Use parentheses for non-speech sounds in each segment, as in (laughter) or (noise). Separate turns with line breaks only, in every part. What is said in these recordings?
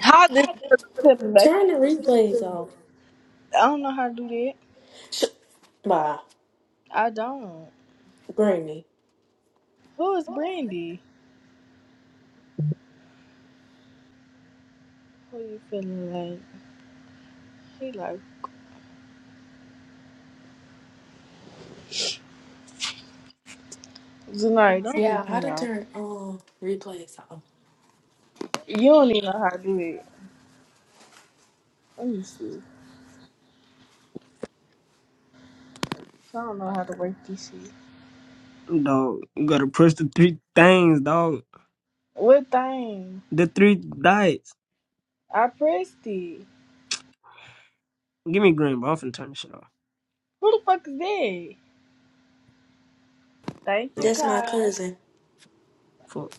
How this to the back?
Turn the replays off,
I don't know how to do that. I don't.
Granny.
Who is Brandy? Who you feeling like? He like Zanari, don't
Yeah,
piss
how
me
to
off.
turn um replays off.
You don't even know how to do it. Let me see. I don't know how to work this shit.
Dog, you gotta press the three things, dog.
What thing?
The three diets.
I pressed it.
Give me green, but I'm finna turn this shit off.
Who the fuck is that? Thank you,
Oh,
That's my
Kai.
cousin.
fuck.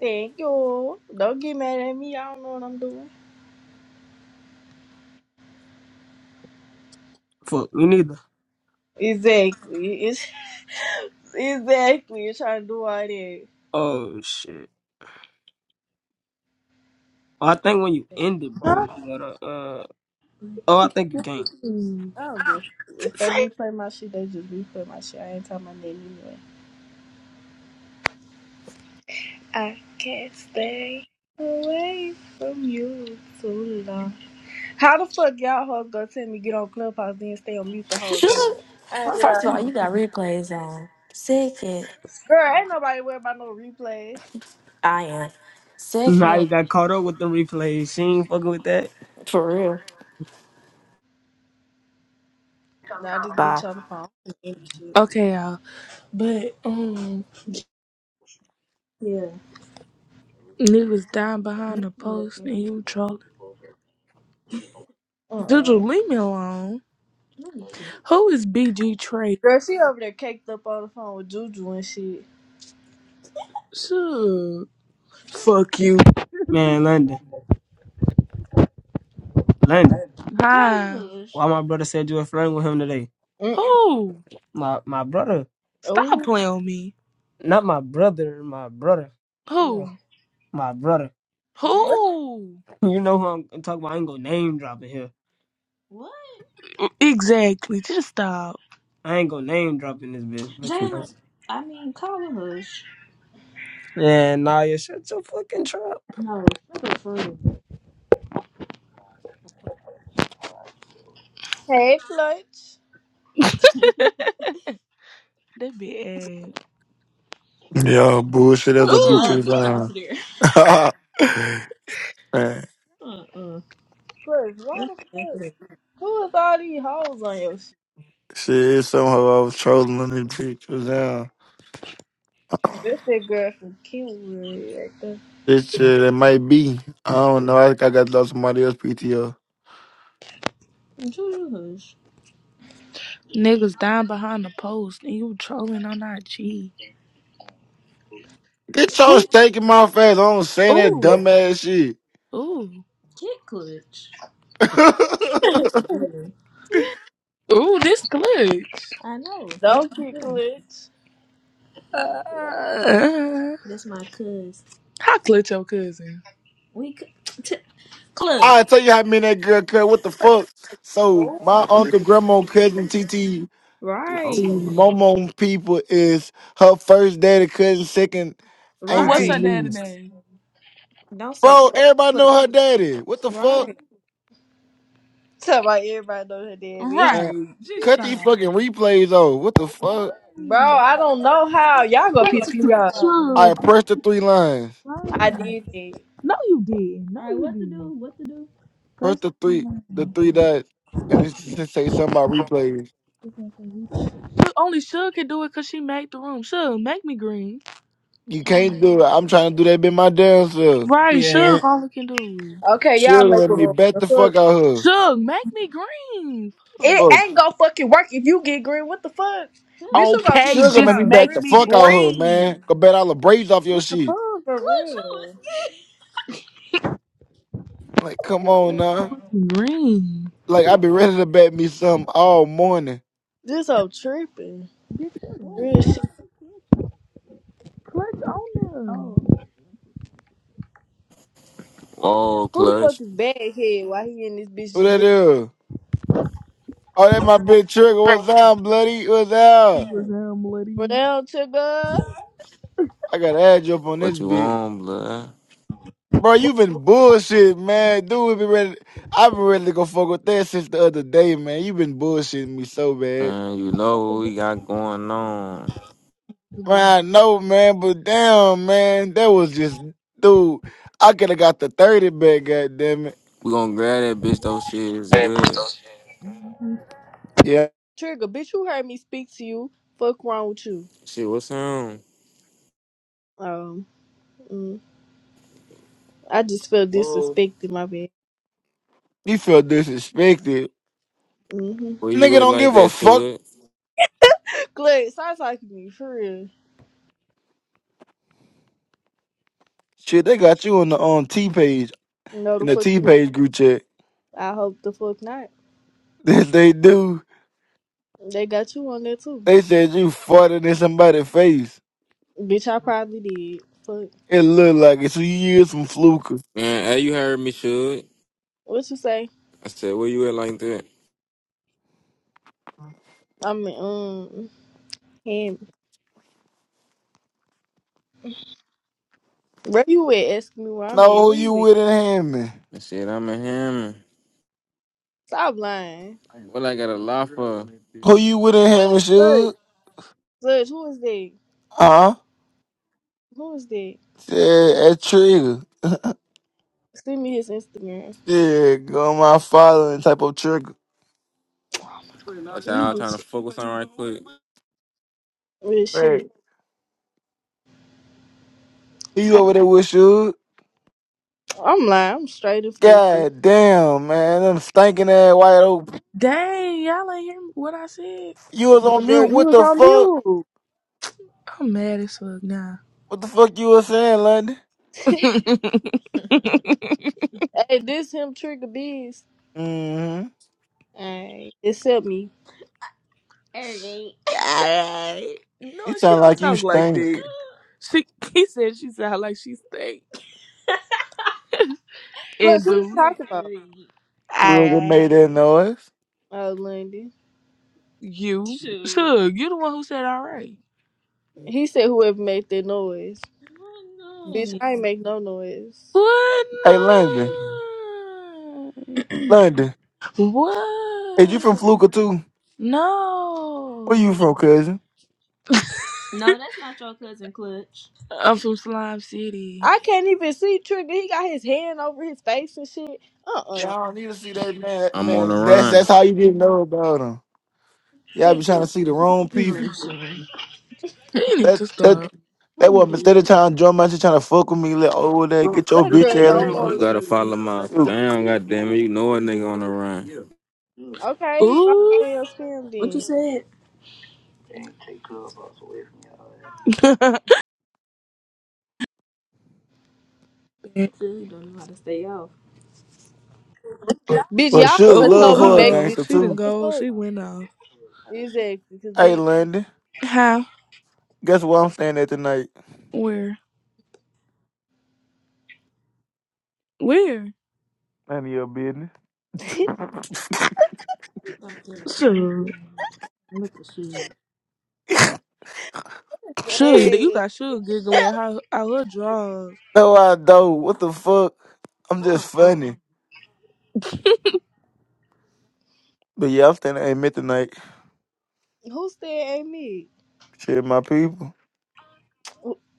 Thank you. Don't get mad at me. I don't know what I'm doing.
Fuck, me neither.
Exactly. It's (laughs) exactly. You're trying to do all that.
Oh, shit. Oh, I think when you end it, bro, you gotta, uh, oh, I think you can't.
Mm.
I don't give. a- If they replay my shit, they just replay my shit. I ain't talking my name anyway. I can't stay away from you too long. How the fuck y'all hoes gonna tell me get on Clubhouse then stay on mute the whole
Should
time? I ain't
first of
without
all,
it.
you got replays on. Second,
Girl, ain't nobody worried about no replays.
I am.
Nah, you
Second,
got caught up with the replays. She ain't fucking with that.
for real.
Nah, this
Bye.
bitch on the phone. and shit.
Okay, y'all. But um, Yeah. he was down behind a post and he was trolling. Juju,
Uh-uh.
leave me alone. Who is BG Trey?
Girl, she over there caked up on the phone with Juju and shit.
Sure. Fuck you.
Man, London. London.
Hi.
Why my brother said you were flirting with him today?
Mm.
Who?
My, my brother.
Stop
Oh,
playing with me.
Not my brother, my brother. You know,
Who?
my brother. (laughs)
what?
Who?
You know who I'm talking about. I ain't gonna name drop in here.
What? Exactly. Just stop.
I ain't gonna name drop in this bitch, but you know.
Jalen, I mean, call him
Yeah, nah, you shut your fucking trap.
No, shut up for
Hey, Clutch.
(laughs) That be ass.
Yo, bullshit as a bitch
Uh-uh, Ooh.
is
get off
on.
there.
(laughs) Man,
Uh-uh.
Clutch, why
Juice.
the fuck? Who is all these hoes on your shit?
shit, somehow I was trolling on this bitch was down.
This that girl from Kiwi right there.
This shit, it might be. I don't know. I think I got lost somebody else PTO.
Niggas dying behind the post and you trolling on IG.
Get your
Ooh,
steak in my face. I don't say that
ooh,
dumbass shit.
Ooh. Kid clutch.
(laughs)
Ooh. Ooh, this glitch. I know.
(laughs)
That's
Don't
my
get
cousin.
glitch.
Uh, That's my cuz. how clutch your cousin? We c- t- clutch.
I tell you how many that girl cut. What the fuck? So
Don't
my uncle, grandma, cousin, TT, to
Right.
Momo people is her first daddy cousin, second
Who what's
auntie
her Right. daddy
niece.
name? Don't say
Bro, everybody
clutch.
know her daddy. What the fuck?
Right.
tell my everybody know her daddy.
Man,
Right. Just
cut
stop.
these fucking replays off. What the fuck?
(laughs) Bro,
Ooh.
I don't know how. Y'all gonna piss me off.
Sure.
I press the three lines.
I did it.
No, you did. No, All right, you what to do? did. What to do?
Press
Press the
the three, the three dots, and it's just say something about replays.
Only Suge can do it because she made the room. Suge, make me green.
You
Um,
can't do it. I'm trying to do that bit my damn
(laughs)
self.
right,
Yeah.
Suge only can do it.
Okay, y'all
Sugar
make
made
a
me
rule.
bet
The
the fuck
fuck?
out her.
Suge, make me green. Fuck.
It
Good
Fuck.
ain't gonna fucking work if you get green. What the fuck? Bitch, you gonna piss
Okay,
me
Sugar made
just
me
off.
bet
make
Real
the
me
fuck
shit.
out her, man.
green.
Go bet all the braids off your
What the
shit.
fuck?
For
Good
real.
too. It's
Like, come on now.
good. Green.
Like, I been ready to bet me something all morning.
This whole tripping.
Bitch, shut up.
Real
What?
shit.
clutch on Oh.
Whoa,
Who the
clutch.
fuck is Baghead? Why he and this bitch
Who
just
that is? Oh, that my big trigger. What's
them.
up, bloody? What's up?
Was um,
living
bloody.
down, Trigger?
I gotta add you up on this
What you
bitch.
on, blood?
Bro, you been bullshit, man. Dude, we been ready. I've been ready to go fuck with that since the other day, man. You been bullshitting me so bad.
And you know what we got going on.
Man, I know, man, but damn, man, that was just, dude. I could have got the 30 back, goddammit.
We
Yeah,
Trigger, bitch, you heard me speak to you. Fuck wrong with you?
gon- shit, what's on?
Um, mm, I just feel
Whoa.
disrespected, my bad.
you feel disrespected.
Mm-hmm.
Where you
Nigga
at
don't
like
give a
that,
fuck.
Shug?
Glad, sounds like me, for real.
Shit, they got you on the on T page,
No,
in
the
the
fuck
T
they don't.
page group chat. (laughs)
I hope the fuck not.
That they do.
They got you on there too.
They said you farted in somebody's face.
Bitch, I probably did. Fuck.
It looked like it. So you used some fluke.
Man, hey, you heard me, Shug.
What you say?
I said, where you at like that?
I mean, um, him. Where you at? Ask me where I'm at.
No, who
Where
you
you at?
with in Hammond?
I said, I'm a hammer.
Stop lying.
What I got a lot for?
Who you with in Hammond,
Look,
shoot?
look, who is that?
Huh?
Who is that?
Yeah, that trigger.
Send me his Instagram.
Yeah, go my father and type of trigger.
Watch
You
out, I'm
do
trying to
some
focus on right quick.
real shit.
Right. Who you
I,
over there with, shoot?
I'm lying. I'm straight in Fluka.
God damn, man. Them stinking ass white oak.
Dang, y'all ain't hear what I said.
You was on mute.
Girl, you
What
was
the
on
fuck?
mute.
I'm mad as fuck now.
What the fuck you was saying, London?
(laughs)
(laughs) Alright.
Hey, this him trigger bees.
Mm-hmm.
Hey, except me.
Alright. No,
You
she
sound
don't
like you
talk like
stink.
that. She he said she sound like she stank. (laughs) And
Plus, who
I
you
do said
talking about?
alright.
You really made
alright.
that noise.
Oh, Lundy.
You sure? Suge, you the one who said alright.
He said whoever made that noise.
I
Bitch, I ain't make no noise.
What
Hey, London.
no?
London. Is you from
What?
Fluka, too? Where
No.
you from, cousin?
No, that's not your cousin Clutch. I'm from Slime City.
I can't even see Trigger. He got his hand over his face and shit. Uh uh
Y'all need to see that man.
I'm on the
Man, that's
run.
that's how you didn't know about him. Y'all be trying to
Trigger.
see the wrong people.
Really? You need
That
to stop.
that that was instead of trying to drum out, you trying to fuck with me. Let over there get your
That
bitch
girl
ass,
don't
You
want
motherfucker.
gotta
you.
follow my
Ew.
fam, goddamn it. You know a nigga on the run.
Okay, fuck
Ooh.
your spam
What you
then.
said? (laughs) Ooh, Really don't know how to stay off.
Bitch,
But
y'all
sugar
the ones
Oh,
love
told me
uh
her a
make
oh.
this
gangster
She
shit.
didn't
What
too.
the
go.
fuck?
She went off.
Exactly, because
Hey,
bitch.
London,
How?
guess where I'm staying at tonight?
Where? Where?
None of your business.
Sure. Look at you.
(laughs)
Sure. You
hey,
got sure giggling how how her drawers.
No, I don't. What the fuck? I'm just
Uh-uh.
funny. But yeah, I'm staying at Amen tonight.
who said ain't me?
Shit, my people.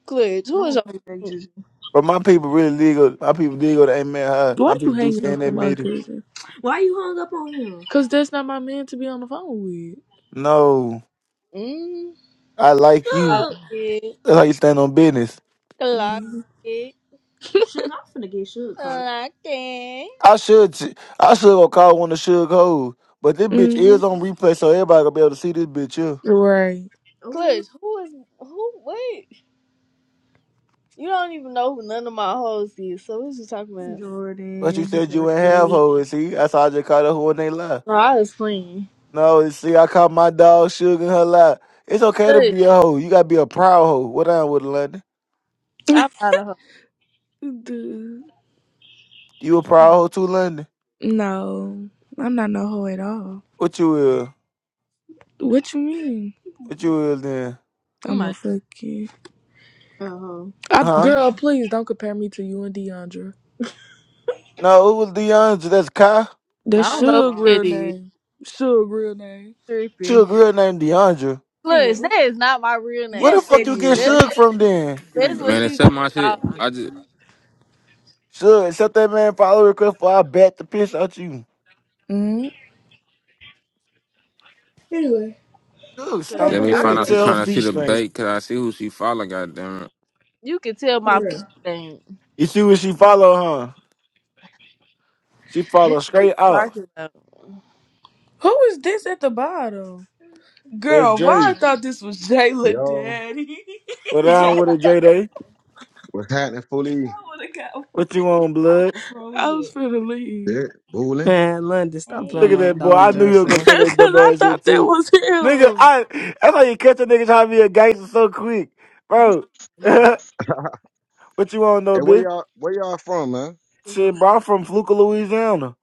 Clutch,
I
who is
don't play that
your.
just.
But my people really did go. My people did go to Amen High.
Why
My
you
people do
hanging
stay in
up
that
on my
meeting.
cousin? Why you hung up on him? Cause that's not my man to be on the phone with.
No,
Mm.
I like you.
Shook.
Lucky,
That's how you stand on business.
Mm-hmm.
lucky,
Shook, I'm finna get shook caught up.
lucky.
I should t- I should go call one of Suge hoes, but this bitch
(laughs)
is on replay, so everybody gonna be able to see this bitch here.
Right. Oh,
Clutch, who is who? Wait, you don't even know who none of my hoes is. So what you talking about?
But you
Jordan.
said you ain't have
Jordan.
hoes, see? That's how I just called her hoe and they lie.
No, I was playing.
No, see, I caught my dog Suge and her lie. It's okay to
Clutch,
be a hoe. You gotta be a proud hoe. What I with London?
(laughs)
I'm not a hoe.
Dude.
You a proud hoe too, London?
No, I'm not no hoe at all.
What you is?
What you mean?
What you is then?
I'm
I'm a
not-
fucking. Oh, I,
Huh?
girl, please don't compare me to you and Deandra.
No, it was DeAndre. That's Kai.
That's
I
first
don't know who
of Suge all, real
it is.
name. Suge real name.
Trippy.
Suge real name DeAndre.
Yeah.
Clutch, that is not my real
Where
name.
the
Yes,
fuck
that
you get
is.
That's
(laughs)
Suge
what
from then?
that's what
Man,
she
except
just
my
called.
shit. I just
Sure, shut that man follow request before I bat the piss out you.
Mm. anyway,
Sure,
I
Cause
don't
Let
stink.
care
me
I
your
find
can
out. She
tell her
trying to
business.
see
feet
the
stink.
bait, cause I see who she follow. Goddamn it!
you can tell my
For
feet
real.
thing.
You see what she follow, huh? She
Bitch,
follow straight up.
what you talking about?
Who is this at the bottom?
That
Girl, why I
Dre.
thought this was Jayla
Yo,
Daddy. (laughs)
What down
I
with a Dre Day?
what's happening, fully?
would have got.
What you want, blood?
Bro, I was leave. finna leave.
Yeah, Booling.
Man, London, stop
Look
playing
at
with my
that boy.
dog,
I knew he
Josh,
was
(laughs)
gonna
man.
say
Cause
that dumb
I
ass shit
thought that
too.
was
Nigga,
him.
I that's how you catch a nigga trying to be a gangster so quick. Bro. (laughs)
No,
what you want
Hey,
though,
where
bitch?
y'all? Where y'all from, man?
it was
Shit,
on
bro, I'm from Fluka, Louisiana.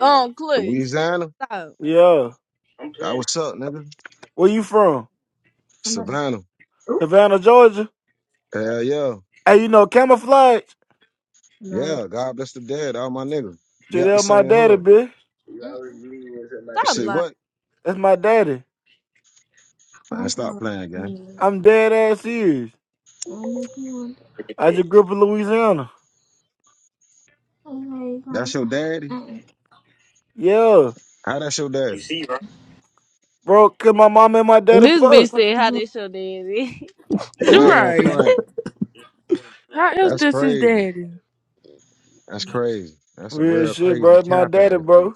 Um, Clutch,
Louisiana.
stop.
Yeah.
That what's up, nigga.
Where you from?
somebody.
Savannah.
Savannah, Georgia.
Hell yeah,
Hey, you know camouflage?
No.
yeah. God bless the dead, all my niggas. We
Shit,
Mm,
out the
That's my
same
daddy,
hood.
bitch.
You
mm,
always leave when
You
somebody
Stop
say
lying.
what?
That's my daddy.
Man,
I'm talking
stop
about
playing, gang.
me.
I'm dead ass serious.
And if you want to. Look at
I
that.
just grew up in Louisiana.
Okay,
That's
fine.
your daddy.
Uh-uh.
Yeah,
How that's your
You
daddy?
see, right?
bro, cause my mom and my daddy
This
fuck.
bitch said
Would
how
you
they show daddy. (laughs)
Hey,
You're
I ain't gonna
right. How
front.
is
That's
this his
crazy.
daddy?
That's crazy. That's a
Real
real
shit, bro.
crazy
That's my
cap
daddy,
ass dude.
bro.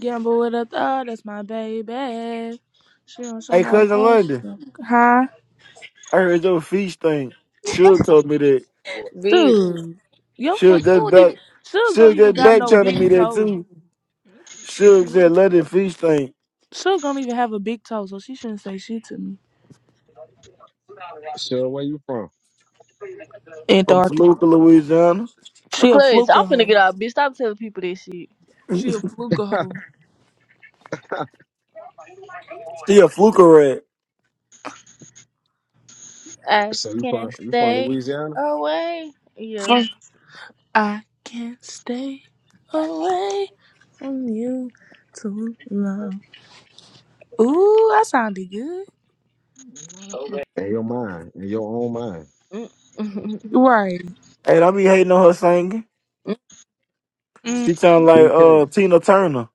Gamble with a thug, that's my baby. She don't show
Hey,
no
cousin
love. She's
London,
a- Huh?
I heard your feet stink. Suge told me that.
Dude,
Bitch,
Yo, for you
Suge just
don't even
back.
Suge don't
Suge
even
just
got
back
no
telling
big
me that
toe.
too. Suge said London feet stink
Suge don't even have a big toe, so she shouldn't say shit to me.
Sure, where you from?
from
Antarctica.
Toluca, Louisiana.
She a
Clutch,
fluke
I'm finna get
hoe.
out, bitch. Stop telling people this shit.
She a fluke hoe.
(laughs)
She a fluke rat.
I
so you from
can't
you from
stay
Louisiana?
away. Yeah.
Fuck, I can't stay away from you too long. Ooh, that sounded good.
In your mind, in your own mind.
Mm. (laughs)
Right.
Hey, I be hating on her singing.
Mm,
She sound like
Three K.
uh Tina Turner.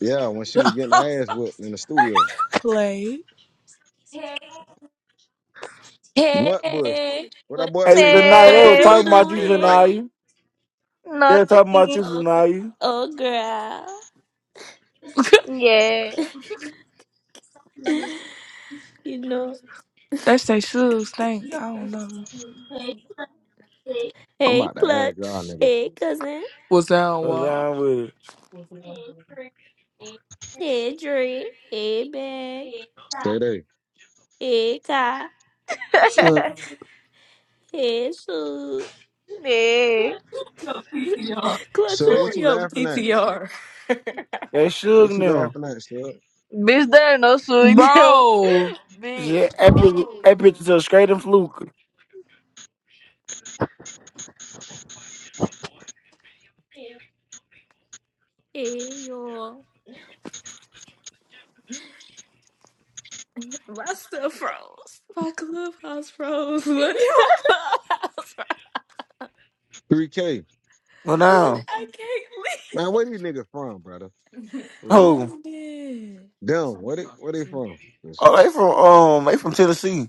Yeah, when she was getting her ass whooped in the studio.
play.
Nut bush.
Hey,
What that boy
Hey,
say,
the
nut
night
but
they
what
were
bitch
you
talking
saying that
about you,
shit right.
Janaya.
doing,
nah,
They're talking about
nothing.
you, Zanaya.
oh girl?
Yeah.
(laughs) You know.
They say Suge stink. I don't know.
I'm
Hey,
about to ask y'all
Clutch.
niggas.
Hey, cousin.
Was that
Cause
on
I'm with it.
Hey, Dre. Hey, Bag.
Stay
what?
there.
Eka, Kai.
(laughs)
So
Hey, Sue.
nah.
Sir, what
on
you
your
laughing at?
PTR?
They shook
What you
now.
laughing at, sir?
Bitch, there ain't no swing deal.
Bro.
(laughs) Bitch.
Shit, epic, epic to straight and fluke.
Hey, you My stuff froze. My clubhouse froze. (laughs) Look at my clubhouse froze.
3K.
Well,
Look
now,
at
Man, where these niggas from, brother? For real.
look
oh,
at it.
Them, where they where they from? It's-
oh, they from um, they from Tennessee.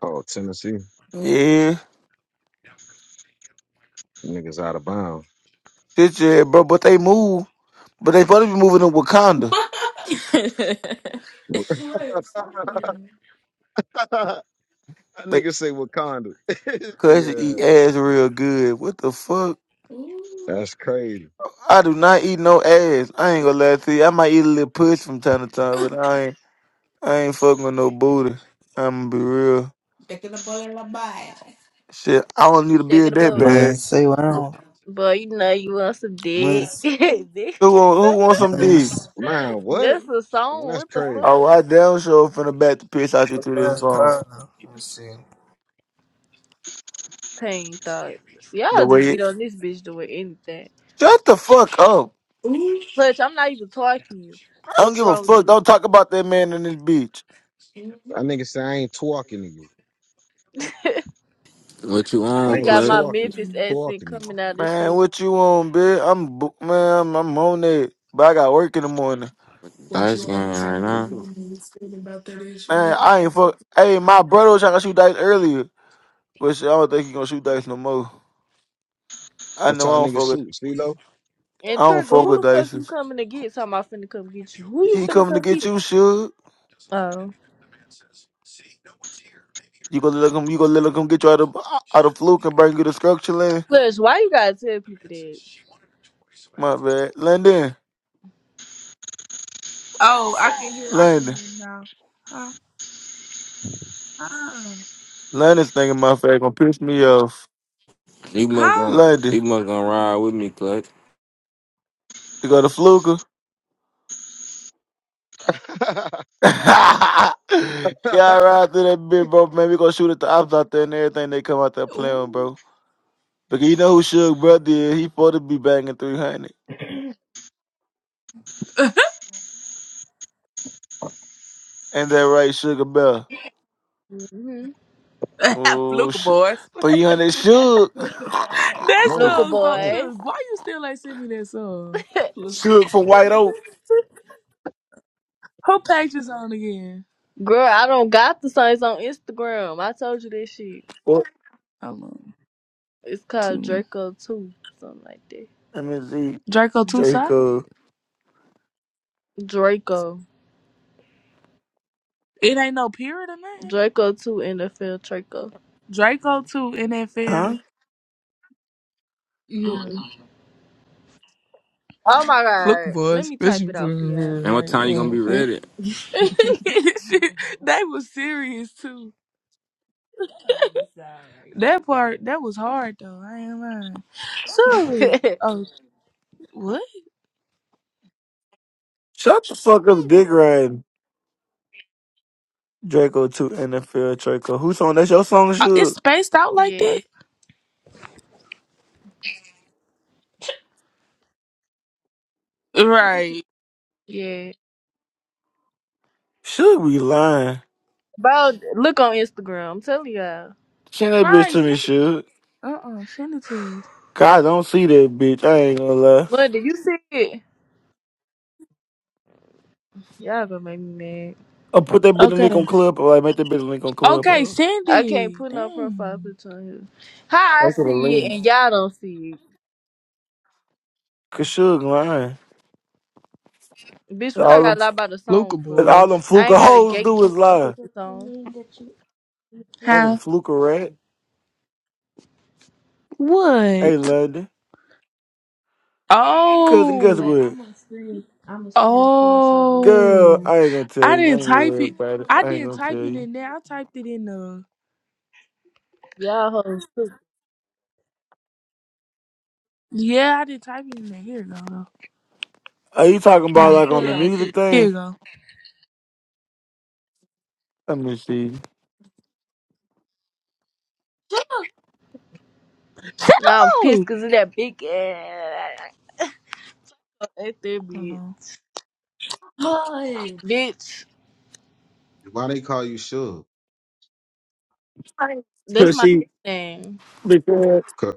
Oh, Tennessee.
Yeah,
Niggas out of bounds.
shit, yeah, bro. But they move, but they supposed to be moving to Wakanda.
(laughs) that
They
nigga say Wakanda. (laughs)
cause you eat
Nigga,
ass real good. What the fuck?
(laughs) Ooh.
that's crazy.
I do not eat no ass. I ain't gonna lie to you. I might eat a little puss from time to time, but I ain't, I ain't fucking with no booty. I'm gonna be real.
Picking up all in my bag.
Shit, I don't need a
Take it
beard that
about it.
bad.
Mas, say wow.
Boy, you know you want some dick.
Mas,
(laughs) Dick.
Who want, who wants some D?
mas,
Man, what?
Ooh.
That's a
Man,
song.
that's
What the
crazy.
fuck?
Oh, I damn sure finna back the piss out you through this
pronounce
phone.
Kana. Let me see.
Pain thoughts.
The
Y'all just
way
get
it.
on this bitch doing anything.
Shut the fuck up.
Clutch, I'm not even talking to you.
I don't
Fuck
give a
wrong with
fuck.
you.
Don't talk about that man in this bitch.
That nigga say I ain't talking to you.
What you on,
I
He
Find the
ain't
got
Clutch?
my
truth.
talking,
Memphis accent
talking.
coming out of this
Man,
shit.
what you on, bitch? I'm bo- man, I'm, I'm on that. But I got work in the morning.
Dice game right now.
Man, I ain't fuck. Hey, my brother was trying to shoot dice earlier, but shit, I don't think he gonna shoot dice no more. I
What
know I
y'all
don't
niggas
fuck with.
shoot? CeeLo?
I
And
don't
Trigger,
fuck
who
with
the fuck you
dice.
coming to get? Talking about finna come get you. Who you
He
finna
coming to
come
get
get?
you, sure.
Oh.
You gonna let him? You gonna let him get you out of out of fluke and bring you to structure land?
Plus, why you gotta tell people that?
My bad, London.
Oh, I can hear. I can
London.
hear now. Huh? Huh?
London's thinking my face gonna piss me off.
You must
Huh?
gonna,
London,
you must gonna ride with me, Clutch.
you go to Fluka?
(laughs)
(laughs) yeah, I ride through that bitch, bro. Man, we gonna shoot at the ops out there and everything they come out there playing with,
Ooh.
bro. Because you know who Sugar Brother is. He supposed to be banging 300. And that right, Sugar Bell.
Mm-hmm.
(laughs)
Oh,
Fluka
sh-
boys.
300 Sugar.
That
move,
Luca
song, so,
move.
boys.
Suge, why you still ain't send me that song?
(laughs)
Fluka.
Sugar (laughs) from White Oak.
Who page is on again?
Girl, I don't got the songs on Instagram. I told you that shit.
What?
Hold on.
It's called
Two.
Draco 2. Something like that.
Let me see.
Draco 2 side?
Draco.
Draco.
It ain't no period or nothing.
Draco 2 NFL Draco.
Draco 2 NFL.
Huh?
Yeah.
Mm-mm. Oh my
Fluka
god. Let
boys.
me type
Especially
it
for- (laughs)
out for y'all.
And what
like,
time you gonna be
on that
ready?
Shit, (laughs) they was serious too. That part that was hard though. I ain't lying. So,
(laughs)
oh, what?
Shut the fuck up, dick riding. Draco 2 NFL Draco. Who song? That's your song,
Uh, It's
Suge.
spaced out like
yeah.
that? Right.
Yeah.
Should be lying.
Bro, look on Instagram. I'm telling y'all.
Send that bitch
Right.
to me,
Send it.
Suge.
Uh uh Send it to us.
God, I don't see that bitch. I ain't gonna lie.
What did you see it? Y'all gonna make me mad.
I'll put that bitch in link
Okay.
on Clubhouse. Like, make that bitch a link on
Okay.
Clubhouse.
Send
I can't
it.
put no profile
Dang.
picture on here. How I
Make it a
see it
link.
and y'all don't see
Cause Suge lying.
it. Bitch, what I
All them,
gotta lie about the
Luca
song for?
all them
boys.
I
fluker
ain't got a
hoes do is
gatekeep no fucking
lie.
song.
Fucking
Huh?
fluker rat. Hey,
What?
London. Cousin,
Oh.
guess what?
so
Girl,
Oh,
I ain't gonna tell
I
you. I
didn't
ain't gonna
type
worry
it.
about it.
I
I ain't
didn't
gonna
type
tell
it
you.
in there. I typed it in the.
Y'all hoes too.
Yeah, I did type it in there. Here you go, though.
Are you talking
Hold I
about
on.
like
still
on the
don't
music
see. Here you
thing?
go.
Let me see.
Shut
Now I'm pissed
up!
cause of that big ass at that
Hold
bitch.
on. Hi.
Bitch,
Why they call you Suge?
that's
Cause
my
she,
nickname.
because
cuz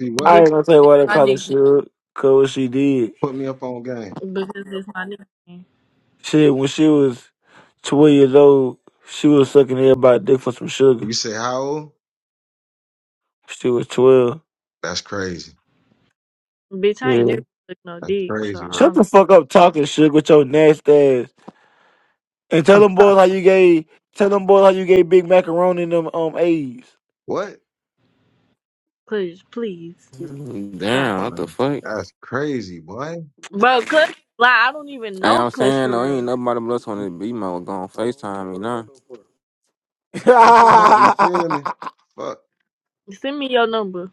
see what?
I ain't
Because
gonna tell you
it's
why they
my
call her
nickname.
Suge, cause what she did.
Put me up on game.
Because it's my nickname.
Shit, when she was twelve years old, she was sucking everybody's dick for some sugar.
You say how old?
She was twelve.
That's crazy.
Bitch, I ain't
Yeah.
never took no
That's
dick, so
crazy work.
Shut
I'm
the fuck up talking sugar with your nasty ass. And tell them boys how you gave tell them boys how you gave big macaroni and them um A's.
What?
please please stop
Damn,
it.
Why
what the
they-
fuck?
That's crazy, boy.
Bro, Clutch, like I don't even
Hey,
know
I'm
Clutch
saying though,
for real.
ain't nobody but us on this B mode going Facetime me now.
(laughs) uh,
Mm,
No, you feel me? Fuck.
Send me your number.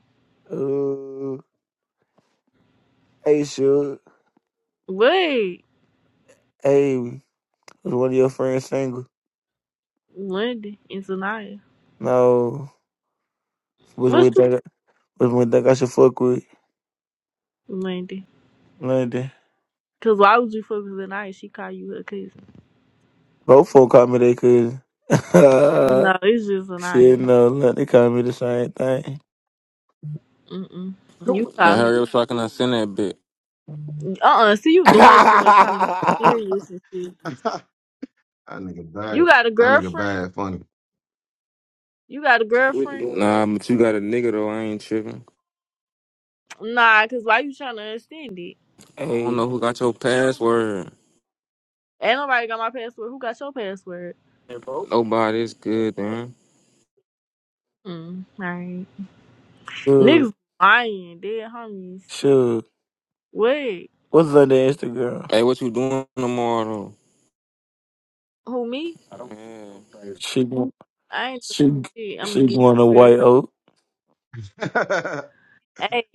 hey Suge.
Wait,
Hey, was one of your friends single?
Wendy and Zanaya.
No. Which one
What's
you
the
think I- which one you think I should fuck with?
Wendy?
London.
Cause why would you fuck with Zanaya? She call you her cousin.
Both folk call me they cousin. (laughs)
No, it's just
Shit,
Zanaya.
no, look, they call me the same thing.
Mm-mm. You
Now
call her.
hurry up so I can send that bit.
Uh-uh. See, you doing too much, trying to be
(laughs)
serious and shit.
(laughs) that nigga
You
bad.
got a
That nigga
girlfriend?
bad funny.
You got a girlfriend?
Nah, but you got a nigga though. I ain't tripping.
Nah, cause why you trying to understand it?
I don't
hey,
know who got your password.
Ain't nobody got my password. Who got your password?
Nobody's good, man.
Mm, all right.
sure,
Niggas lying, dead homies.
sure.
Wait,
What's on the Instagram?
Hey, what you doing tomorrow?
who me?
I don't Yeah.
She,
I ain't doing
she,
shit. I'm
she
getting
going to
prepared
White
for.
Oak.
(laughs)
Hey,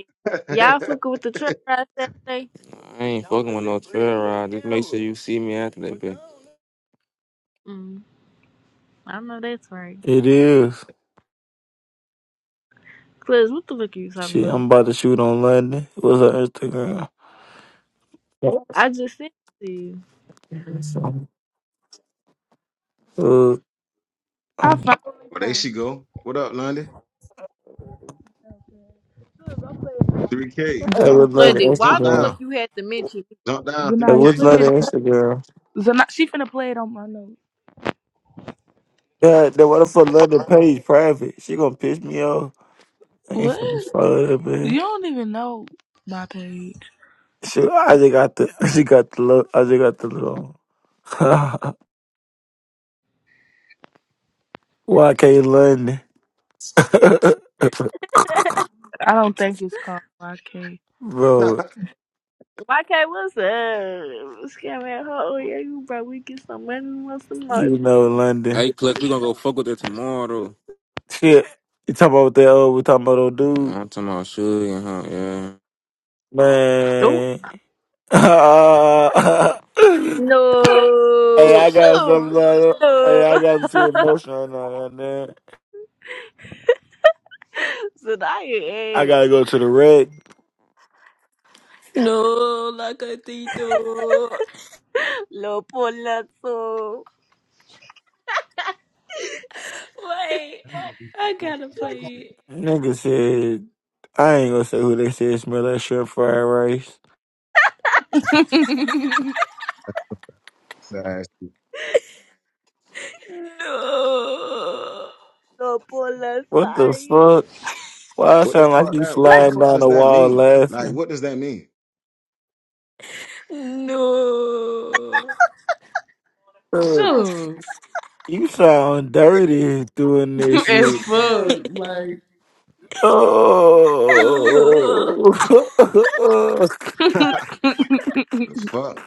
y'all
well,
fucking with the truck ride Saturday?
I ain't fucking with no trail ride. Just make sure you see me after that bitch.
Mm, I know that's right.
It is.
Cause what the fuck are you talking
Shit, I'm
about?
about to shoot on London. What's her Instagram?
I just sent it to you.
Uh,
I
um,
finally
there
found
she
it.
go. What up, London?
Look, I'm playing.
3K.
hey,
Jump,
Zana,
what's
jump,
London
Lundy. why
jump
the
Instagram?
down.
fuck you had to mention me?
Jump down,
Hey,
Zana, you
what's
play
3K.
it.
London Instagram?
Zana, she finna play it on my notes.
Yeah, the what the fuck London page private? She gonna piss me off. I ain't finna
What?
follow that man.
You don't even know my page.
She, I just got the (laughs) she got the look I just got the look on. (laughs) YK London. (laughs)
(laughs)
I don't think it's called YK.
Bro,
(laughs)
not what's up? Scam at hoe. Yeah, you bro, we get some money, we want some more.
you know London.
Hey, Clutch, we gonna go fuck with it tomorrow.
Shit. You talking about that old we talking about old
though.
dude?
I'm talking about sugar, huh? Yeah.
Oh,
Man. (laughs) hey,
No.
I got
Sure.
something.
(laughs)
love. Hey,
no.
I
(laughs)
got some emotion on that man.
so now you
I
egg.
gotta go to the wreck.
No, like la gatito.
Little pull
Wait,
That might be
I gotta play
Nigga said I ain't gonna say who they said smell that shrimp fried rice.
sassy.
it. No.
No puedo
What the fuck? Why I
What the
sound like
fuck
you
that what the
sliding
fuck
down
does
the
that
wall
mean? Like
laughing?
what does that mean?
No.
Uh,
Sure.
You sound dirty doing
(laughs)
this
It's
shit.
Bro,
fuck.
like,
Like,
No.
No.
(laughs) The
(laughs)
fuck?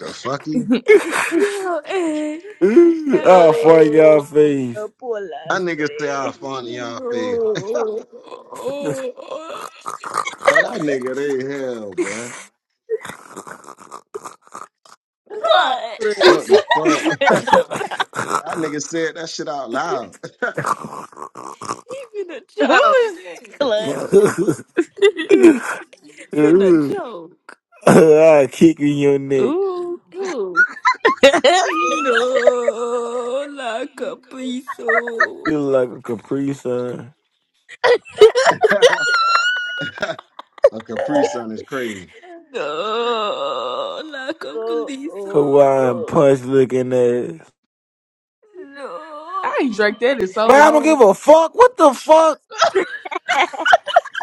The fucky?
Yo, eh.
(laughs)
No.
Yo,
I'll
eh.
fight your face.
No
I
puedo
niggas say I fun in y'all face.
no. (laughs)
(laughs)
Oh.
(laughs) And I nigga they hell, boy.
Clutch.
Like,
What the fuck? (laughs) I nigga said that shit out loud. (laughs)
Even a
who
bro.
joke. Clutch.
The
is. (laughs)
Even a joke.
I'll kick in your neck.
Ooh.
Who?
(laughs) I
No, la caprizo.
You look like a Capri Sun.
fuck? (laughs) A Capri Sun is crazy.
No, la
Oh,
caprizo.
oh,
Hawaiian
oh.
punch looking ass.
No.
ain't drank that in so
Man, I don't
long.
give a fuck. What the fuck?
(laughs)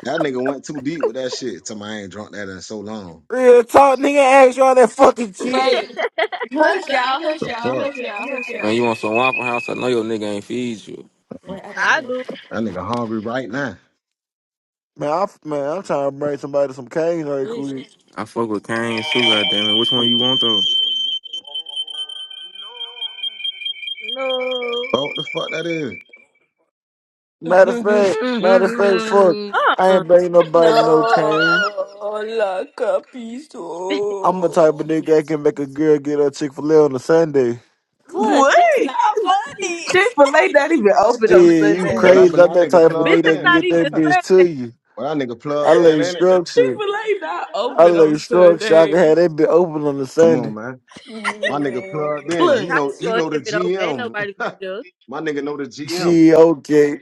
That nigga went too deep with that shit. To my I ain't drunk that in so long.
Real talk, nigga, ask you all that fucking shit.
Wait.
Wait, hush
Hush
y'all, hush
y'all, hush
The
y'all,
y'all,
fuck?
hush
hush
y'all, hush
y'all.
y'all.
Man, you want some Waffle House? I know your nigga ain't feed you.
Wait,
Wait,
I
I gotta
I
go.
do.
That nigga hungry right now.
Man, I'm man, I'm trying to bring somebody some cane right
listen.
quick.
I fuck with Canes too, goddamn it. Which one
Shit.
you want though?
No.
Fuck what the fuck that is?
Matter of fact, matter of fact, fuck,
(laughs)
I
Uh-uh.
ain't bringing nobody no cane.
No, la
I'm the
capizo.
type of nigga that can make a girl get her Chick Fil A on a Sunday.
Clutch,
what?
that's not funny.
Chick fil A
Chick-fil-A
not
not
even
even
open
open
on
on
Shit,
Sunday.
you
Hey, but I
Sundays.
crazy?
been
I'm
that
that
nigga
type of
Bitch
nigga
plugged
is
that can
in.
not
get
(laughs)
that
even
bitch
saying
to
that.
you.
But that nigga
I
plugged in, ain't
lay
it?
Chick
structure.
fil A not
I
open on
lay structure. I can
Sundays.
have that bitch open on a
Come on,
Sunday.
man. My nigga
No.
plugged in. He
How you
know
Clutch.
he
go
know the
ahead and open? Ain't
GM.
nobody
(laughs)
gonna
My nigga know the GM.
Gee, okay,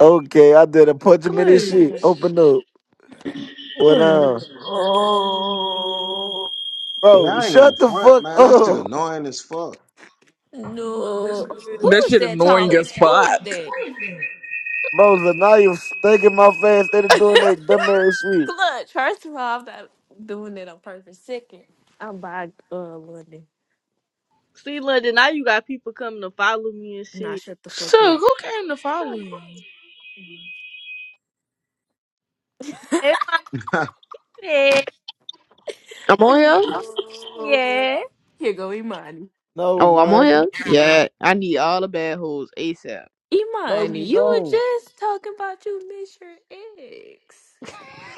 okay. I did a punch him in his shit.
Clutch.
Open up. What up?
Please.
Yeah,
Bro,
I ain't gonna
shut the
front,
fuck
man. That shit
up.
annoying as fuck.
No.
do us.
Who
That
is
shit
that
annoying
talking?
as
Who is
fuck.
that?
Bro, Zanaya stinking my face. They done doing that dumb ass shit.
Clutch, first of all, I'm not doing it on purpose. Second, I'm by uh London.
See, London, now you got people coming to follow me and
Nah,
shit.
shut the fuck
So,
up.
who came to follow you?
Hey, my
(laughs)
head.
I'm on
(laughs)
here.
No.
Yeah.
Here go Imani.
No,
Oh, I'm on
man.
here. Yeah, I need all the bad hoes ASAP.
No,
Imani,
you
you were
don't.
just talking about you miss your ex.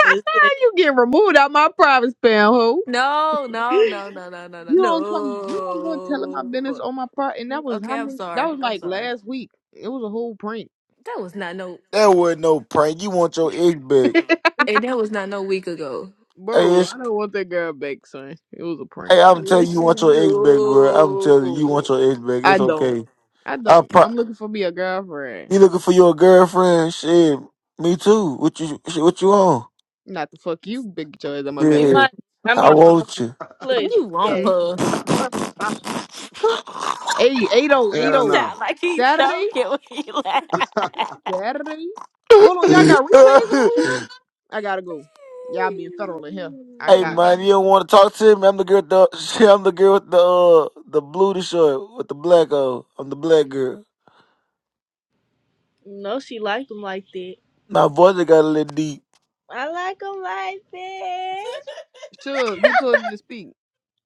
They said,
You get removed out my private spam, hoe.
No, no, no, no, no, no, no,
You don't come. You don't go telling my business
no.
on my part. And that was
Okay,
how
I'm
many? That
sorry.
was
I'm
like
sorry.
last week. It was a whole prank,
That was not no,
That wasn't no prank. You want your egg
(laughs)
back.
and that was not no week ago.
Hey,
bro.
it's,
I don't want that girl back, son. It was a prank.
hey,
I,
I'm
got
telling you,
bo-
you want your
You,
egg back, bro. I'm telling you, you want your egg back.
I
It's
don't.
okay.
I
I
don't.
pro-
I'm looking for me a girlfriend.
you looking for your girlfriend? Shit, me too. What you shit, what you on?
Not the fuck you, big choice. I'm gonna
"Hey,
Yeah,
my, I
I
mean,
want you.
not clutch.
you want
Yeah.
boom.
her? Cl- (laughs)
Hey, 80,
You
Hell no.
sound like he's
Saturday,
joking when he laugh.
(laughs)
(laughs)
Saturday. Hold on, y'all got replays on
(laughs)
here. I gotta go. Y'all being federal in here. I
Hey
got to
man,
go.
you don't want to talk to me? I'm the girl. With the, (laughs) I'm the girl with the uh, the blue shirt with the black on. I'm the black girl.
No, she like them like that.
My voice just got a little deep.
I like them like that.
Suge, who told you to speak?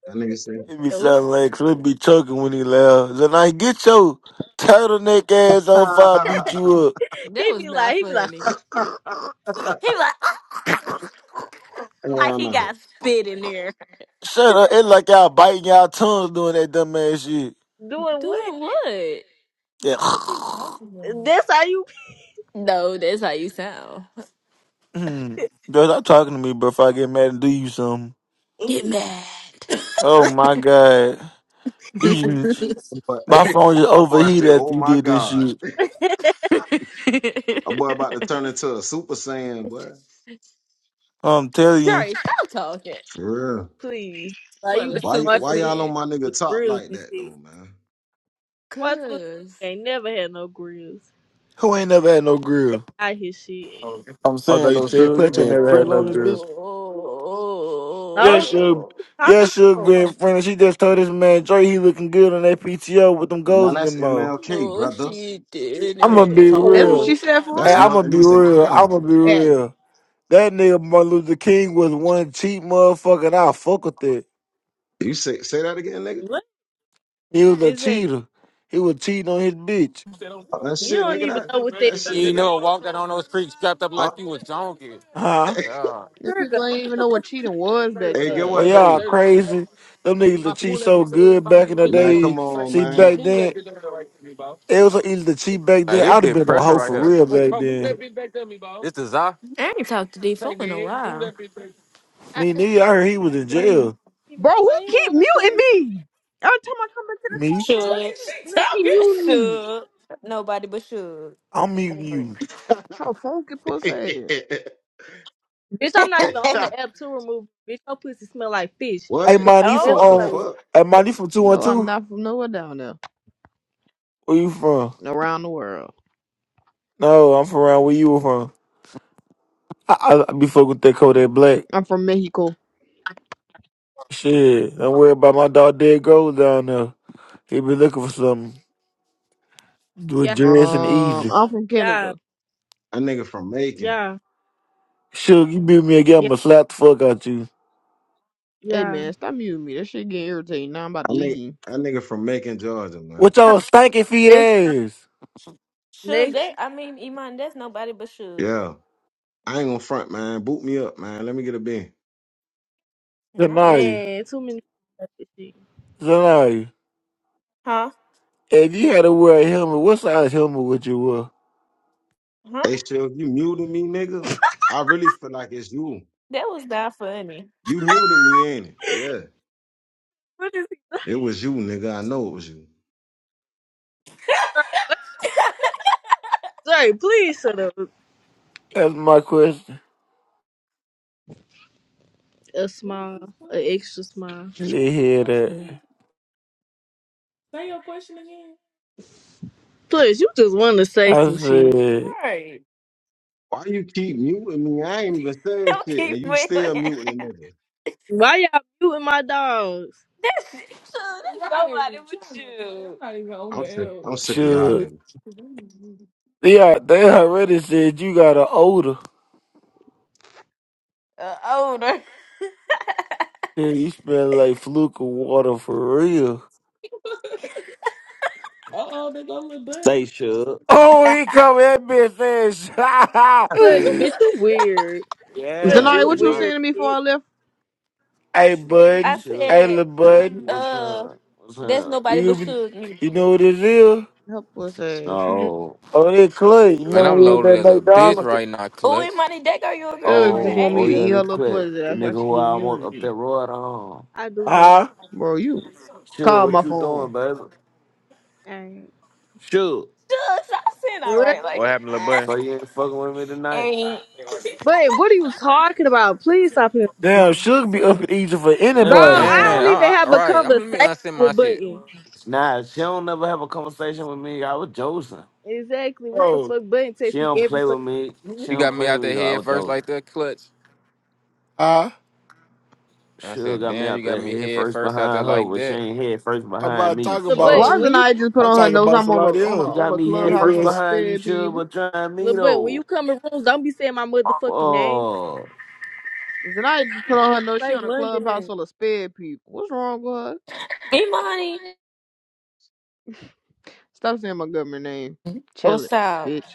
That nigga said.
It be sounding
Oops,
like so it be choking when he laughs. Then I get your turtleneck ass on fire, beat you up.
(laughs)
that
He
was
be like,
not
he be like,
funny.
(laughs)
(laughs)
He like (laughs) like
Hell
he
no.
got spit in there.
Shut up! It's like y'all biting y'all tongues doing that dumb ass shit.
doing what?
Doing what?
Yeah.
What is he
(sniffs)
talking about?
That's how you
No, that's how you sound.
Mm. bro, stop talking to me, bro. If I get mad and do you something.
Get mad.
Oh my god, you, just-
But (laughs)
my phone just
that boy said,
overheated
oh
after you
my
did this
God.
shit.
(laughs)
(laughs)
That boy about to turn into a super saiyan, boy.
I'm telling you.
Girl, stop talking.
For real.
please. Like
What
you
a
got
Why y-
super
why
Martin Luther
y'all on
sin.
my
King with
nigga top
grills
like
and
that
shit.
though, man?
Martin Luther
Cause
King ain't never had no grills.
Who ain't never had no
They
grill?
got his shit.
I'm
Although
saying
you
though,
said
sure, you
Clutch ain't
been
never had
friendly
no
on this
grill.
bitch.
Yeah,
No
Suge.
no,
t-
Yeah,
talking
Suge
about
been friendly, She just told this man Dre he looking good on that PTO with them
Now
goals in
that's
them mouth.
MLK,
no,
brother.
she
I'ma
Real
be
talk.
didn't.
That's what
real.
she
Whoa,
said for
Hey,
That's
real?
I'ma
Martin
be
Luther
real.
King.
I'ma be
Yeah.
real. That nigga Martin Luther King was one cheat motherfucker and I fuck with it.
You say say that again, nigga?
what
He was a
exactly.
cheater. He was cheating on his bitch.
Uh, That
You
shit,
don't
nigga.
even
That
know what they
that shit,
You ain't
nigga.
never walked out on those streets strapped up
Uh,
like you was donkey.
(laughs)
Huh?
hey,
Yeah.
The
trigger.
people ain't even know what cheating was back
hey, get
Well
what
then.
y'all
though?
crazy. Them niggas that cheat so good back in the
Man, come
day.
on,
See
man.
back then It was eating the cheap back
Hey,
then.
this
I'd have
big
been a
pressure
hoe
right
for
here.
real
Wait. me,
back
that
then.
bitch back to me, bro. This is I.
I ain't talked to D4 in a while.
I
Me
ask
nigga, I heard he was in
What
jail.
people,
Bro, who
why you
keep
don't
muting
wanna come? and-
me? Every time I come into the
Me,
phone
Sure, she
can, they keep
talking?
muting me.
sure. Nobody but sure.
I'm meeting
Ignore it.
you.
Oh, funky pussy.
Bitch, I'm not even on the
(laughs)
app to remove. Bitch, your pussy smell like fish.
Hey,
what?
Bitch,
man, you
don't
from
ever
What the
play
um?
Oh,
with
fuck?
Hey, man, you
me.
from two one
No, I'm
two?
not from nowhere down there.
Where you from?
Around the world.
No, I'm from around where you were from. I, I, I be fucking with that Kodak Black.
I'm from Mexico.
Shit, don't worry about my dog Dead Gold down there. He be looking for something. Do it
Yeah,
dress and
Um,
easy.
I'm from
yeah,
Canada.
A nigga from Macon.
yeah,
Sure, you beat me again,
yeah,
I'ma slap the fuck out you.
Hey
yeah.
man, stop muting me. That shit getting irritating. Now I'm about
I
to
nigga,
leave.
a nigga from Macon, Georgia, man.
What y'all stanky feet
Next time, next
ass?
time.
sure. That I mean, Iman. That's nobody but sure.
Yeah, I ain't gonna front, man. Boot me up, man. Let me get a bin.
No.
Zanai,
Man, too many people
Zanai.
Huh?
If you had to wear a helmet, what size helmet would you wear?
Huh?
Hey, Shell, you muted me, nigga, I really feel like it's you.
That was not funny.
You muted me, ain't it? Yeah,
What is he?
it was you, nigga. I know it was you.
Sorry, please shut up.
That's my question.
A
What was this
smile, an
question?
extra smile.
And They
That's his
hear
question again.
that.
Say your question again.
Plus, you just want to say
I
some shit.
said,
Why you keep muting me? I ain't even
(laughs)
saying
Don't
shit, and
keep
you
moving.
still muting the nigga.
Why y'all muting my dogs?
That's, so that's I'm not nobody even but trying to. I'm you. I'm not even on
I'm
the
sick.
L.
I'm sick of y'all,
sure.
nigga.
Yeah, they already said you got an odor.
Uh, older. Uh
Yeah, you smell like fluke of water for real.
oh, they go little
Say
button.
Suge.
Oh, he come at me and saying,
Plus,
(laughs)
bitch, you weird. Plus,
Yeah,
Zanari,
you
what
Then
you was
my
saying
weird,
to me before
bitch.
I left?
Hey,
(laughs) I
bud.
Suge.
Hey,
said,
little bud.
What's
uh,
up? What's
that's
up?
nobody
You,
but
been-
Suge.
you
Newton.
know what it is?
Help pussy.
No.
Oh, they clay. You
Man,
know
I'm
what it is,
loaded
that
as a bitch
McDonald's?
right now,
Oh, and
Clutch.
Money Deck, are you a
Dude just
girlfriend,
Oh,
want me
oh
to
Angel?
eat
yeah,
her
this
little
quick.
pussy.
The
That's
nigga
why she
who
keep
I want
muting
up
me.
that road on.
I do back.
Huh?
Bro, you
sure,
call
what
my
you
phone.
doing, baby?
Dang.
Sure.
Suge, I said, all
What?
right,
What
like,
happened, little boy?
(laughs)
So you ain't fucking with me tonight?
and
But what are you talking about? Please stop him.
Damn, sugar be
So,
up in Egypt for
Bro,
anybody.
I
Man,
don't
nah.
even
I, I,
have a
right. I'm let me
conversation
unsend my
with
shit.
Button.
Nah, she don't never have a conversation with me. I was Joseph.
Exactly. What the
Bro,
fuck? Button
She
text me
don't
every
play
fucking
with me. She
You
don't
got me
play
out
with me
there
though. I
head
was
first
Joseph.
like that clutch.
huh?
I
Sure
said,
got me
damn, you
out
got
there
me
head
head
first
first out there
behind her,
like
but she
that.
ain't head first
I'm
behind
not
me.
talking
little
about
Fuck.
Why
button.
is
When
you.
you
I just put
I'm
on her
talking
notes?
about
I'm on a
somebody
on a
You
else.
on
got
a
me head
clubhouse
first
full of
Niggas.
behind you,
sped
Shug,
people.
but trying me
little button, when
though.
you come in rooms, don't be saying my motherfucking name.
Fuck.
Zanaya just put on her notes. She
Say
on a
London
clubhouse
name.
full of sped people. What's wrong with her?
Imani,
Stop saying my government name. Chill
what's
it,
up?
bitch.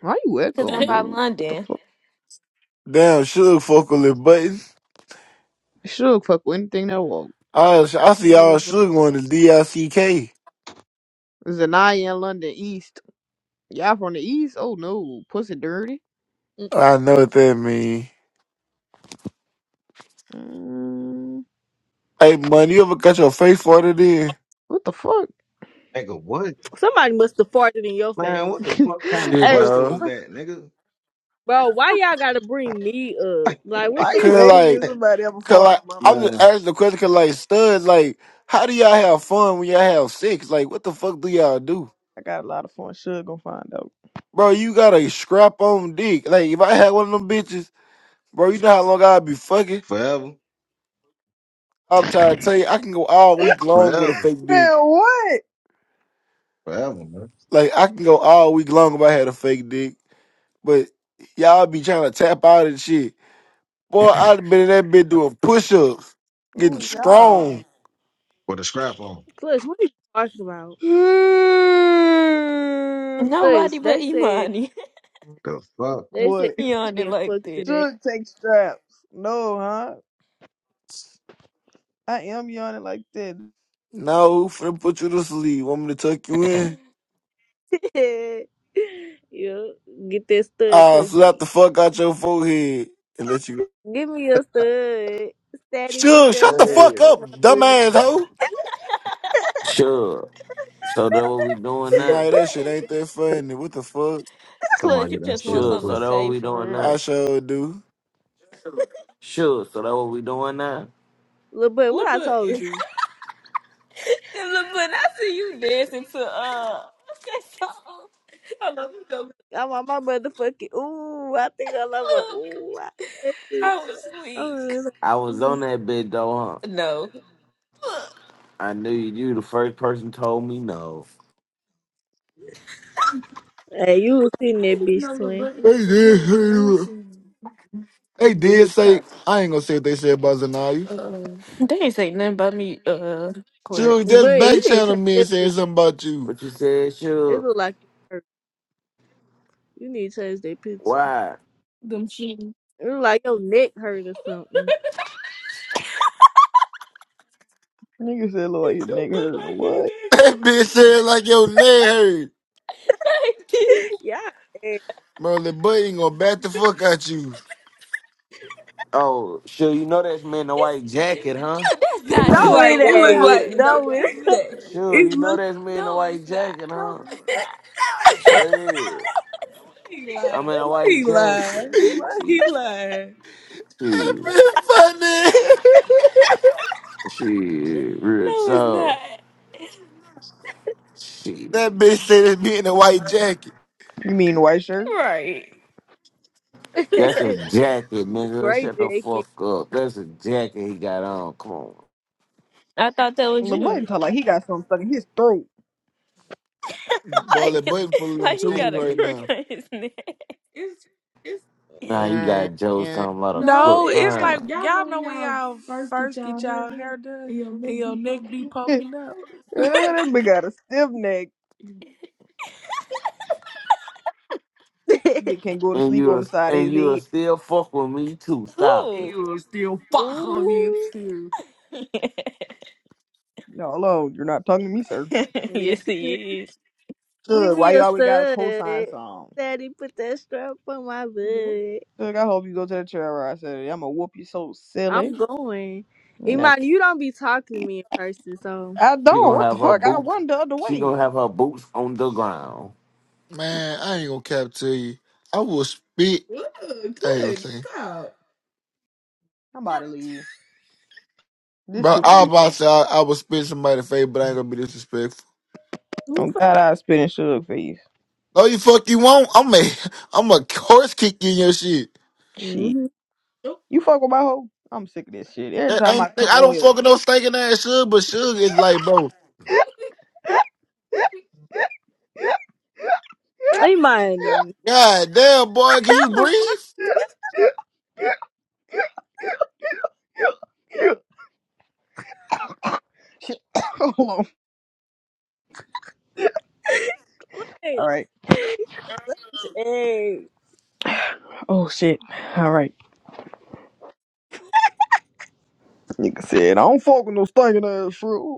Why you
Because I'm
echoing,
by (laughs)
dude? What the
London.
fuck?
Damn, Suge fuck on the buttons.
Should fuck with anything that walk.
I, I see all
Never.
Suge on the DLCK. I C K.
Zanaya in London East. Y'all from the East? Oh no, pussy dirty.
I know what that mean.
Mm,
Hey, man, you ever cut your face for it? Then
what the fuck?
Nigga, what?
Somebody must have farted in your
Man,
face.
what the fuck kind
(laughs)
of
Shit,
hey,
question was
no.
that, nigga?
Bro, why y'all gotta bring me up? Like,
(laughs)
what
Why
the
you
fuck,
Cause
asking if
like,
somebody ever
cause
farted
like,
in my feet?
I'm just
Man,
asking the question. Cause like, studs, like, how do y'all have fun when y'all have sex? Like, what the fuck do y'all do,
I got a lot of fun. Should gonna find out.
bro? You got a scrap on dick. Like, if I had one of them bitches, bro, you know how long I'd be fucking.
forever,
I'm trying to tell you, I can go all week long with a
forever,
fake
Man,
dick.
what?
forever, man.
Like I can go all week long if I had a fake dick. But y'all be trying to tap out and shit. Boy, I'd been in that bit doing push ups,
Who
getting
is y'all? (sighs)
strong.
With a scrap on.
Clutch? What are you talking about?
Hmm.
Clutch,
Nobody but
they said,
Imani.
The fuck?
they said,
what?
(laughs) Imani
get
liked
fucked in
it.
Should take straps. No, huh? I am yawning like that.
No, finna put you to sleep. Want me to tuck you in?
that. (laughs) yeah, get that stud
I'll slap the
pussy.
fuck out your forehead and let you go.
Give me a stud. Daddy, put
Sure,
that
shut the
strap
fuck
on
up,
my butt.
dumbass hoe.
Sure. So that what we doing
(laughs)
now?
Tonight
But
that shit ain't that funny. What the fuck?
Clutch,
Somebody
you
get that
just want
Sure.
something
story
So
to
that what
say
we doing now?
for
I sure do.
real.
Sure. So that what we doing now?
Little boy, what
Lil
I told
Button. (laughs)
you?
And Lil Button, I see you dancing to uh what's that song? I love you, go.
I want my motherfucking, ooh, I think I love my, ooh,
Look, I was weak.
I was
I,
on that bed though, huh?
No. Look.
I knew you. You the first person told me no.
Hey, you was sitting
I
that
didn't
bitch
know Lil
swing.
Button
Hey,
was a
yeah,
real
hey,
person.
They did say I ain't gonna say what they said about Zanaya.
Uh, they ain't say nothing about me, uh,
Shoot,
Clutch.
just
But
back
you need to
channel
change
me and
that
said
picture.
something about you.
What
(laughs)
you said,
It
sure.
look like you hurt. You need to change that picture.
Why?
Them shoes.
It look like your neck hurt or something.
Nigga said look like
It
your nigga
don't look
hurt.
like his
What?
That bitch said like your neck hurt.
nigga. (laughs)
(laughs) Yeah. eh,
Merlin Button gonna bat the fuck out you.
Oh, sure. You know that's me in the
It's,
white
you,
jacket, huh?
that's
It
not
looked
you
No,
in
like
the
it
it
white
looked
ain't.
like the
jacket.
number
No,
one
it
Sure.
It
You know
looked
that's me in the
No,
white
it's not.
jacket, huh?
no,
(laughs) no,
it's not.
That
it's
is. I'm
not.
(laughs)
in a
Why
white
he
jacket.
(laughs)
lying? Why he
See.
lying?
(laughs) That bitch funny.
Shit, real
no, it's not.
talk.
(laughs)
Shit.
that bitch said it's me in a white jacket.
You mean white shirt?
Right.
That's a
ain't.
jacket,
(laughs)
nigga.
Gray
Shut the
jacket.
fuck up. That's a jacket he got on. Come on.
I thought that was
Lil
What?
buddy
you. (laughs)
talk like he got something stuck in his throat.
Boy,
(laughs)
Like,
that button full of them
Like he
tools
got a
right
crook
now.
on his (laughs) neck. It's, it's It's
Now you
Nah, nah,
got Joe
nah.
something lot of
no.
No,
crook.
it's
it's
like
Uh,
y'all
like
y'all y'all
y'all
know
know
when
when
y'all
y'all
first get
first get
y'all hair
y'all
done
hair done
and your neck
and your
be
neck
poking
be
out.
(laughs) yeah,
popping up.
that bitch got a stiff neck. They
(laughs)
can't go to
And
sleep on
you're
the side of
and
his
you're
head.
still fuck with me too. Stop
Who? And
it.
You will still fuck on me
Ooh.
too?
No, hello, you're not talking to me, sir.
(laughs) yes,
Yes, it is.
he
Give
Suge, why
me
you
a
always got a cosign
stud.
song?
Daddy, put that strap on my
is.
butt.
Suge, I hope you go to the trail ride Saturday. I'ma whoop you so silly.
I'm going.
No,
Iman, you don't be talking to me in person, so.
I
She
don't.
gonna
What the
have her
fuck? I
boots.
run the other
She
way.
gonna have her boots on the ground.
Man, I ain't gonna cap to you. I will spit.
Ooh,
I ain't gonna
clutch.
say.
Stop.
I'm about to leave. This
Bro,
too
I
big.
about to say I, I will spit somebody face, but I ain't gonna be disrespectful.
Oh God, I spit in Suge face.
Oh, you fuck you won't. I'm a, (laughs) I'm a horse kick you in your shit.
Shit,
Mm-hmm.
you fuck with my hoe? I'm sick of this shit. Every
That
time I
ain't
come
I
on
don't
here,
fucking know stinking ass Suge, but Suge is like, bro,
Hey, Money.
god damn boy, can you
(laughs)
breathe?
shit. (coughs) Hold on. All
Wait.
right.
Hey.
Oh shit. All right. Nigga said I don't fuck with no stinking ass fruit.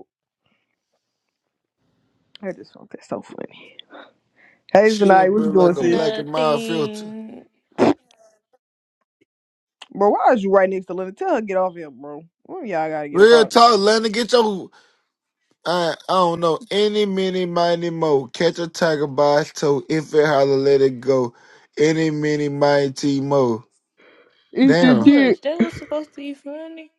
I just thought that's so funny. Hey, Zanai,
Suge
what
bro
you doing,
like a
sis?
black and mild filter.
Nothing.
Bro, why is you right next to Linda? Tell her to get off here, bro. One of y'all gotta get up
Real
out of there.
talk, Lennon, get your I, I don't know, any mini mighty mo. Catch a tiger by its toe, if it holler, let it go. Any mini mighty mo.
Eat the
Damn.
dick.
Clutch, that was supposed to be funny.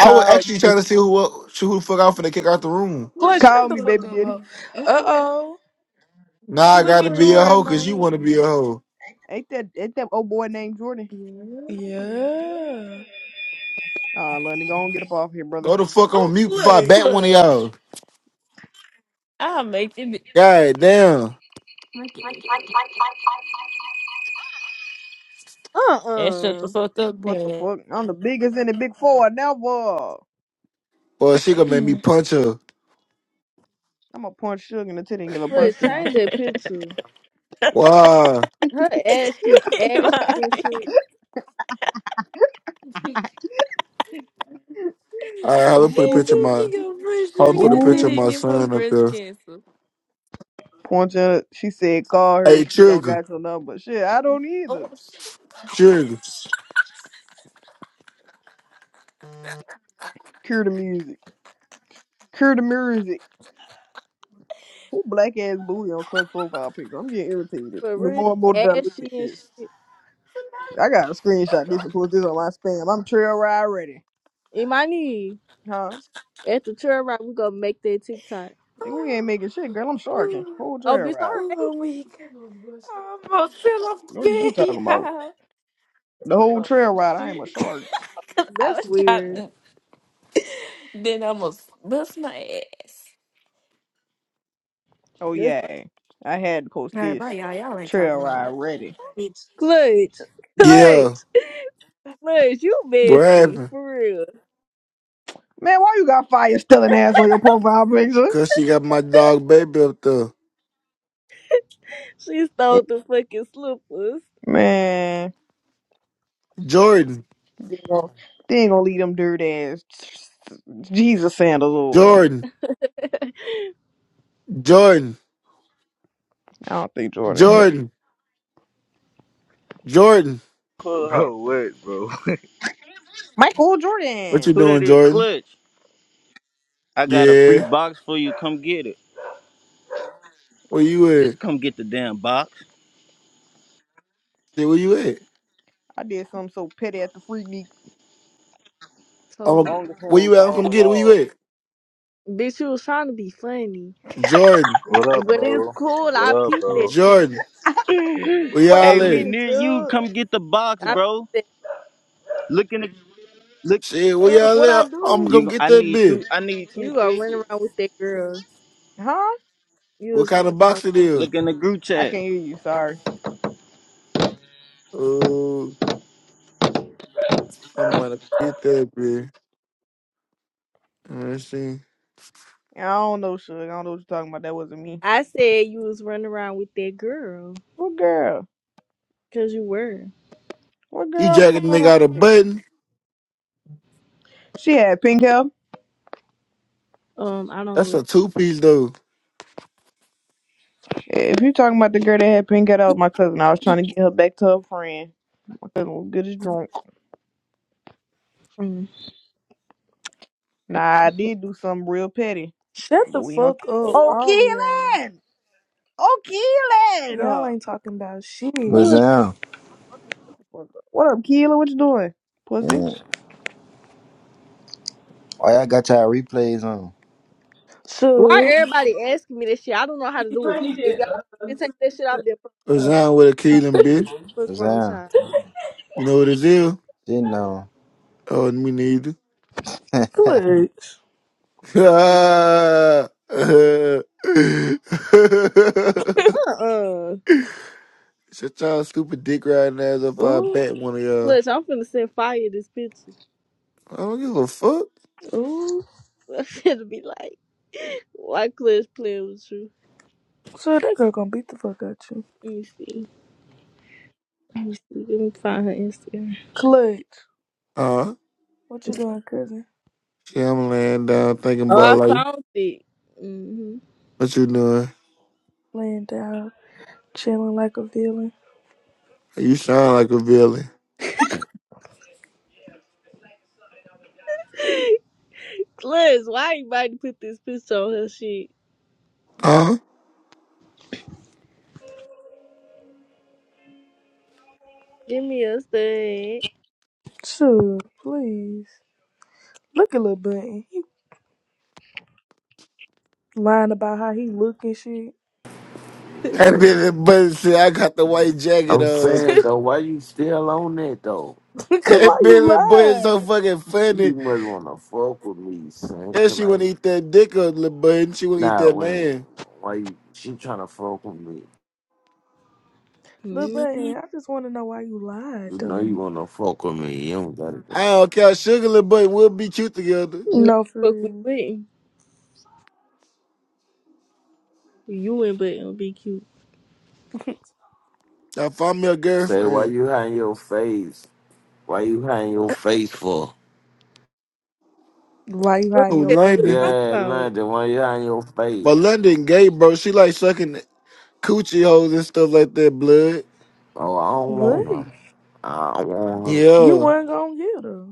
I was
Call
actually trying to
me.
see who el- who the fuck out for the kick out the room.
What?
Plus,
Shut
shut
the
Call
the
me,
fuck
fuck
baby
up,
up.
daddy.
ho.
Uh
Uh
oh.
oh,
Now
Look
I
at
look
gotta
at
Jordan.
be a
right
hoe
Jordan
cause
on
you wanna be a
him.
hoe.
Ain't that ain't that old boy named Jordan?
here.
Yeah,
Nah, London, go on, get up off here, brother.
Go the fuck on mute before I
Yeah.
bat one of
Clutch.
y'all.
I'll make it.
God damn.
And shut the
Uh-uh.
fuck up
What the
then.
fuck? I'm the biggest in the big four, never.
Well, she gonna make me punch her.
I'm gonna punch Sugar in the titty and give a breast
Wait,
(laughs)
count.
change that picture.
Wow.
Her ashy, ashy
Mommy.
and shit.
All right, hold on. Put a picture
Ooh,
of my.
she gonna
Hold on. Put
put
a
a
picture of
titty and
my
give her
ooh.
son up
breast
there.
cancer.
Punch her. She said, call her.
Hey,
She don't
Trigger,
got your number. Shit, I don't either.
Oh,
Trigger.
Cure the music. Cure the music. Who black ass booty on clutch profile picture? I'm getting irritated.
For
The
real,
more and more that I look
ashy
at
and
this,
shit.
I got to screenshot this and post this on my spam. I'm trail ride ready,
Imani,
huh?
at the trail ride, we gonna make that TikTok.
We ain't
oh,
making shit, girl. I'm sharking whole
Oh,
trail
bitch, all
ride.
oh (laughs)
right.
I'm weak. I almost fell off the
What is you talking about? The
bed,
whole trail ride. I am a
y'all.
shark.
Cause I
That's
was trying
weird.
to then almost bust my ass.
Oh
That's
yeah, I had to post
All right, bye,
this
y'all. Y'all ain't
trail
talking about nothing.
ride ready.
clutch.
Yeah,
Clutch. Clutch, you
what
messy.
happened?
For real.
Man, why you got fire stealing ass on your profile picture?
Cause she got my dog baby up there.
She stole the fucking slippers.
Man,
Jordan,
they ain't gonna, they ain't gonna leave them dirt ass Jesus sandals over there.
Jordan, Jordan,
I don't think Jordan hit
Jordan, Jordan.
Michael
What you
Jordan.
Who
doing,
that is?
Jordan?
Clutch. I got a free
Yeah.
box for you. Come get it.
Where you
Just
at?
come get the damn box.
Say where you at?
I did something so petty at the freak me.
So,
Um,
On the
where
phone,
you at? I'll
call
come
the
get it. Where you
law.
at?
bitch, she was trying to be funny.
Jordan,
what up,
But it's
bro?
cool.
What
I
up,
peeped
bro?
that shit.
Jordan. Where
What I
y'all
Hey, we
at?
did,
near you.
Suge?
Come get the box,
I peeped
bro.
that.
Look in the look.
Shit, where
Suge,
y'all
what I
at? I'm gonna come
You,
do?
get
I
that
need
bitch.
two. I need two
You gonna run
fifty.
around with that girl.
Huh?
You
What
was
kind
running
of
around
box it
with that girl.
is?
Look in the group
I
chat.
can't hear you. Sorry.
Oh, I'm gonna get that bitch. You know I'm
I don't know, Suge. I don't know what you're talking about. That wasn't me.
I said you was running around with that girl.
What girl?
Cause you were.
What
You
girl?
jacking the nigga
was
out a
it?
button?
She had pink hair.
Um, I don't
That's
really.
a two piece though.
If you're talking about the girl that had pink hair, that was my cousin. I was trying to get her back to her friend. My cousin was good as drunk.
mm.
Nah, I did do something real petty,
shut
but
the
we ain't gonna.
fuck up,
Oh,
all of y'all.
Keelan! Oh, Keelan!
Y'all
Uh,
ain't talking about shit.
What's
Look,
down?
What up, Keelan? What you doing, pussy?
Yeah. Why y'all got y'all replays on?
Why
So,
everybody asking me this shit? I don't know how to do it. If y'all can take that shit off their phone,
clutch.
Resign with a Keelan bitch.
fuck
What's
wrong
down?
time.
You know what it is?
Shit no.
Oh, me neither.
(laughs)
(laughs)
Uh-uh.
Shut y'all stupid dick riding ass if I
Ooh,
bat one of y'all.
Clutch, I'm finna send fire this picture.
I don't give a fuck.
ooh.
(laughs) I'm finna be like, why Clutch playing with you?
So that girl gonna beat the fuck out you.
Let me see. Let me see. Let me find her Instagram.
Clutch.
Uh,
What you doing, cousin?
yeah, I'm laying down thinking
Oh,
about
I
like
found it. hmm
what you doing.
Laying down, chilling like a villain.
You sound like a villain.
Liz, why everybody put this picture on her shit?
Huh?
Give me a stud.
So, please. Look at Lil' Bunny. He lying about how he look and shit.
That
Man.
bitch, but see, I got the white jacket
I'm
on.
saying though,
(laughs)
why you still on that though?
Because why
That man,
you
little boy is so
lied?
fucking funny.
You must wanna fuck with me, son.
Yeah,
Cause
she wanna
like,
eat that dick up, little boy, and she wanna eat
nah,
that
when
man.
why you she tryna fuck with me?
Lil
hmm
Bunny, I just want to know why you lied,
You know you
though.
wanna fuck with me. You don't gotta do-
I don't care. Sugar, little boy, we'll be cute together.
No,
No, for
fuck we
real.
wouldn't. You and but it'll be cute.
I found me a
say why
girlfriend.
you hiding your face. Why you hiding your face for?
Why you
But,
Oh,
hiding your
but
face?
what you
London.
talking
for?
Yeah,
about?
London, why you hiding your face?
But London gay, bro. She like sucking coochie holes and stuff like that, blood.
Oh, I don't want
What?
her. I don't want her.
You
Yeah.
weren't gonna get her.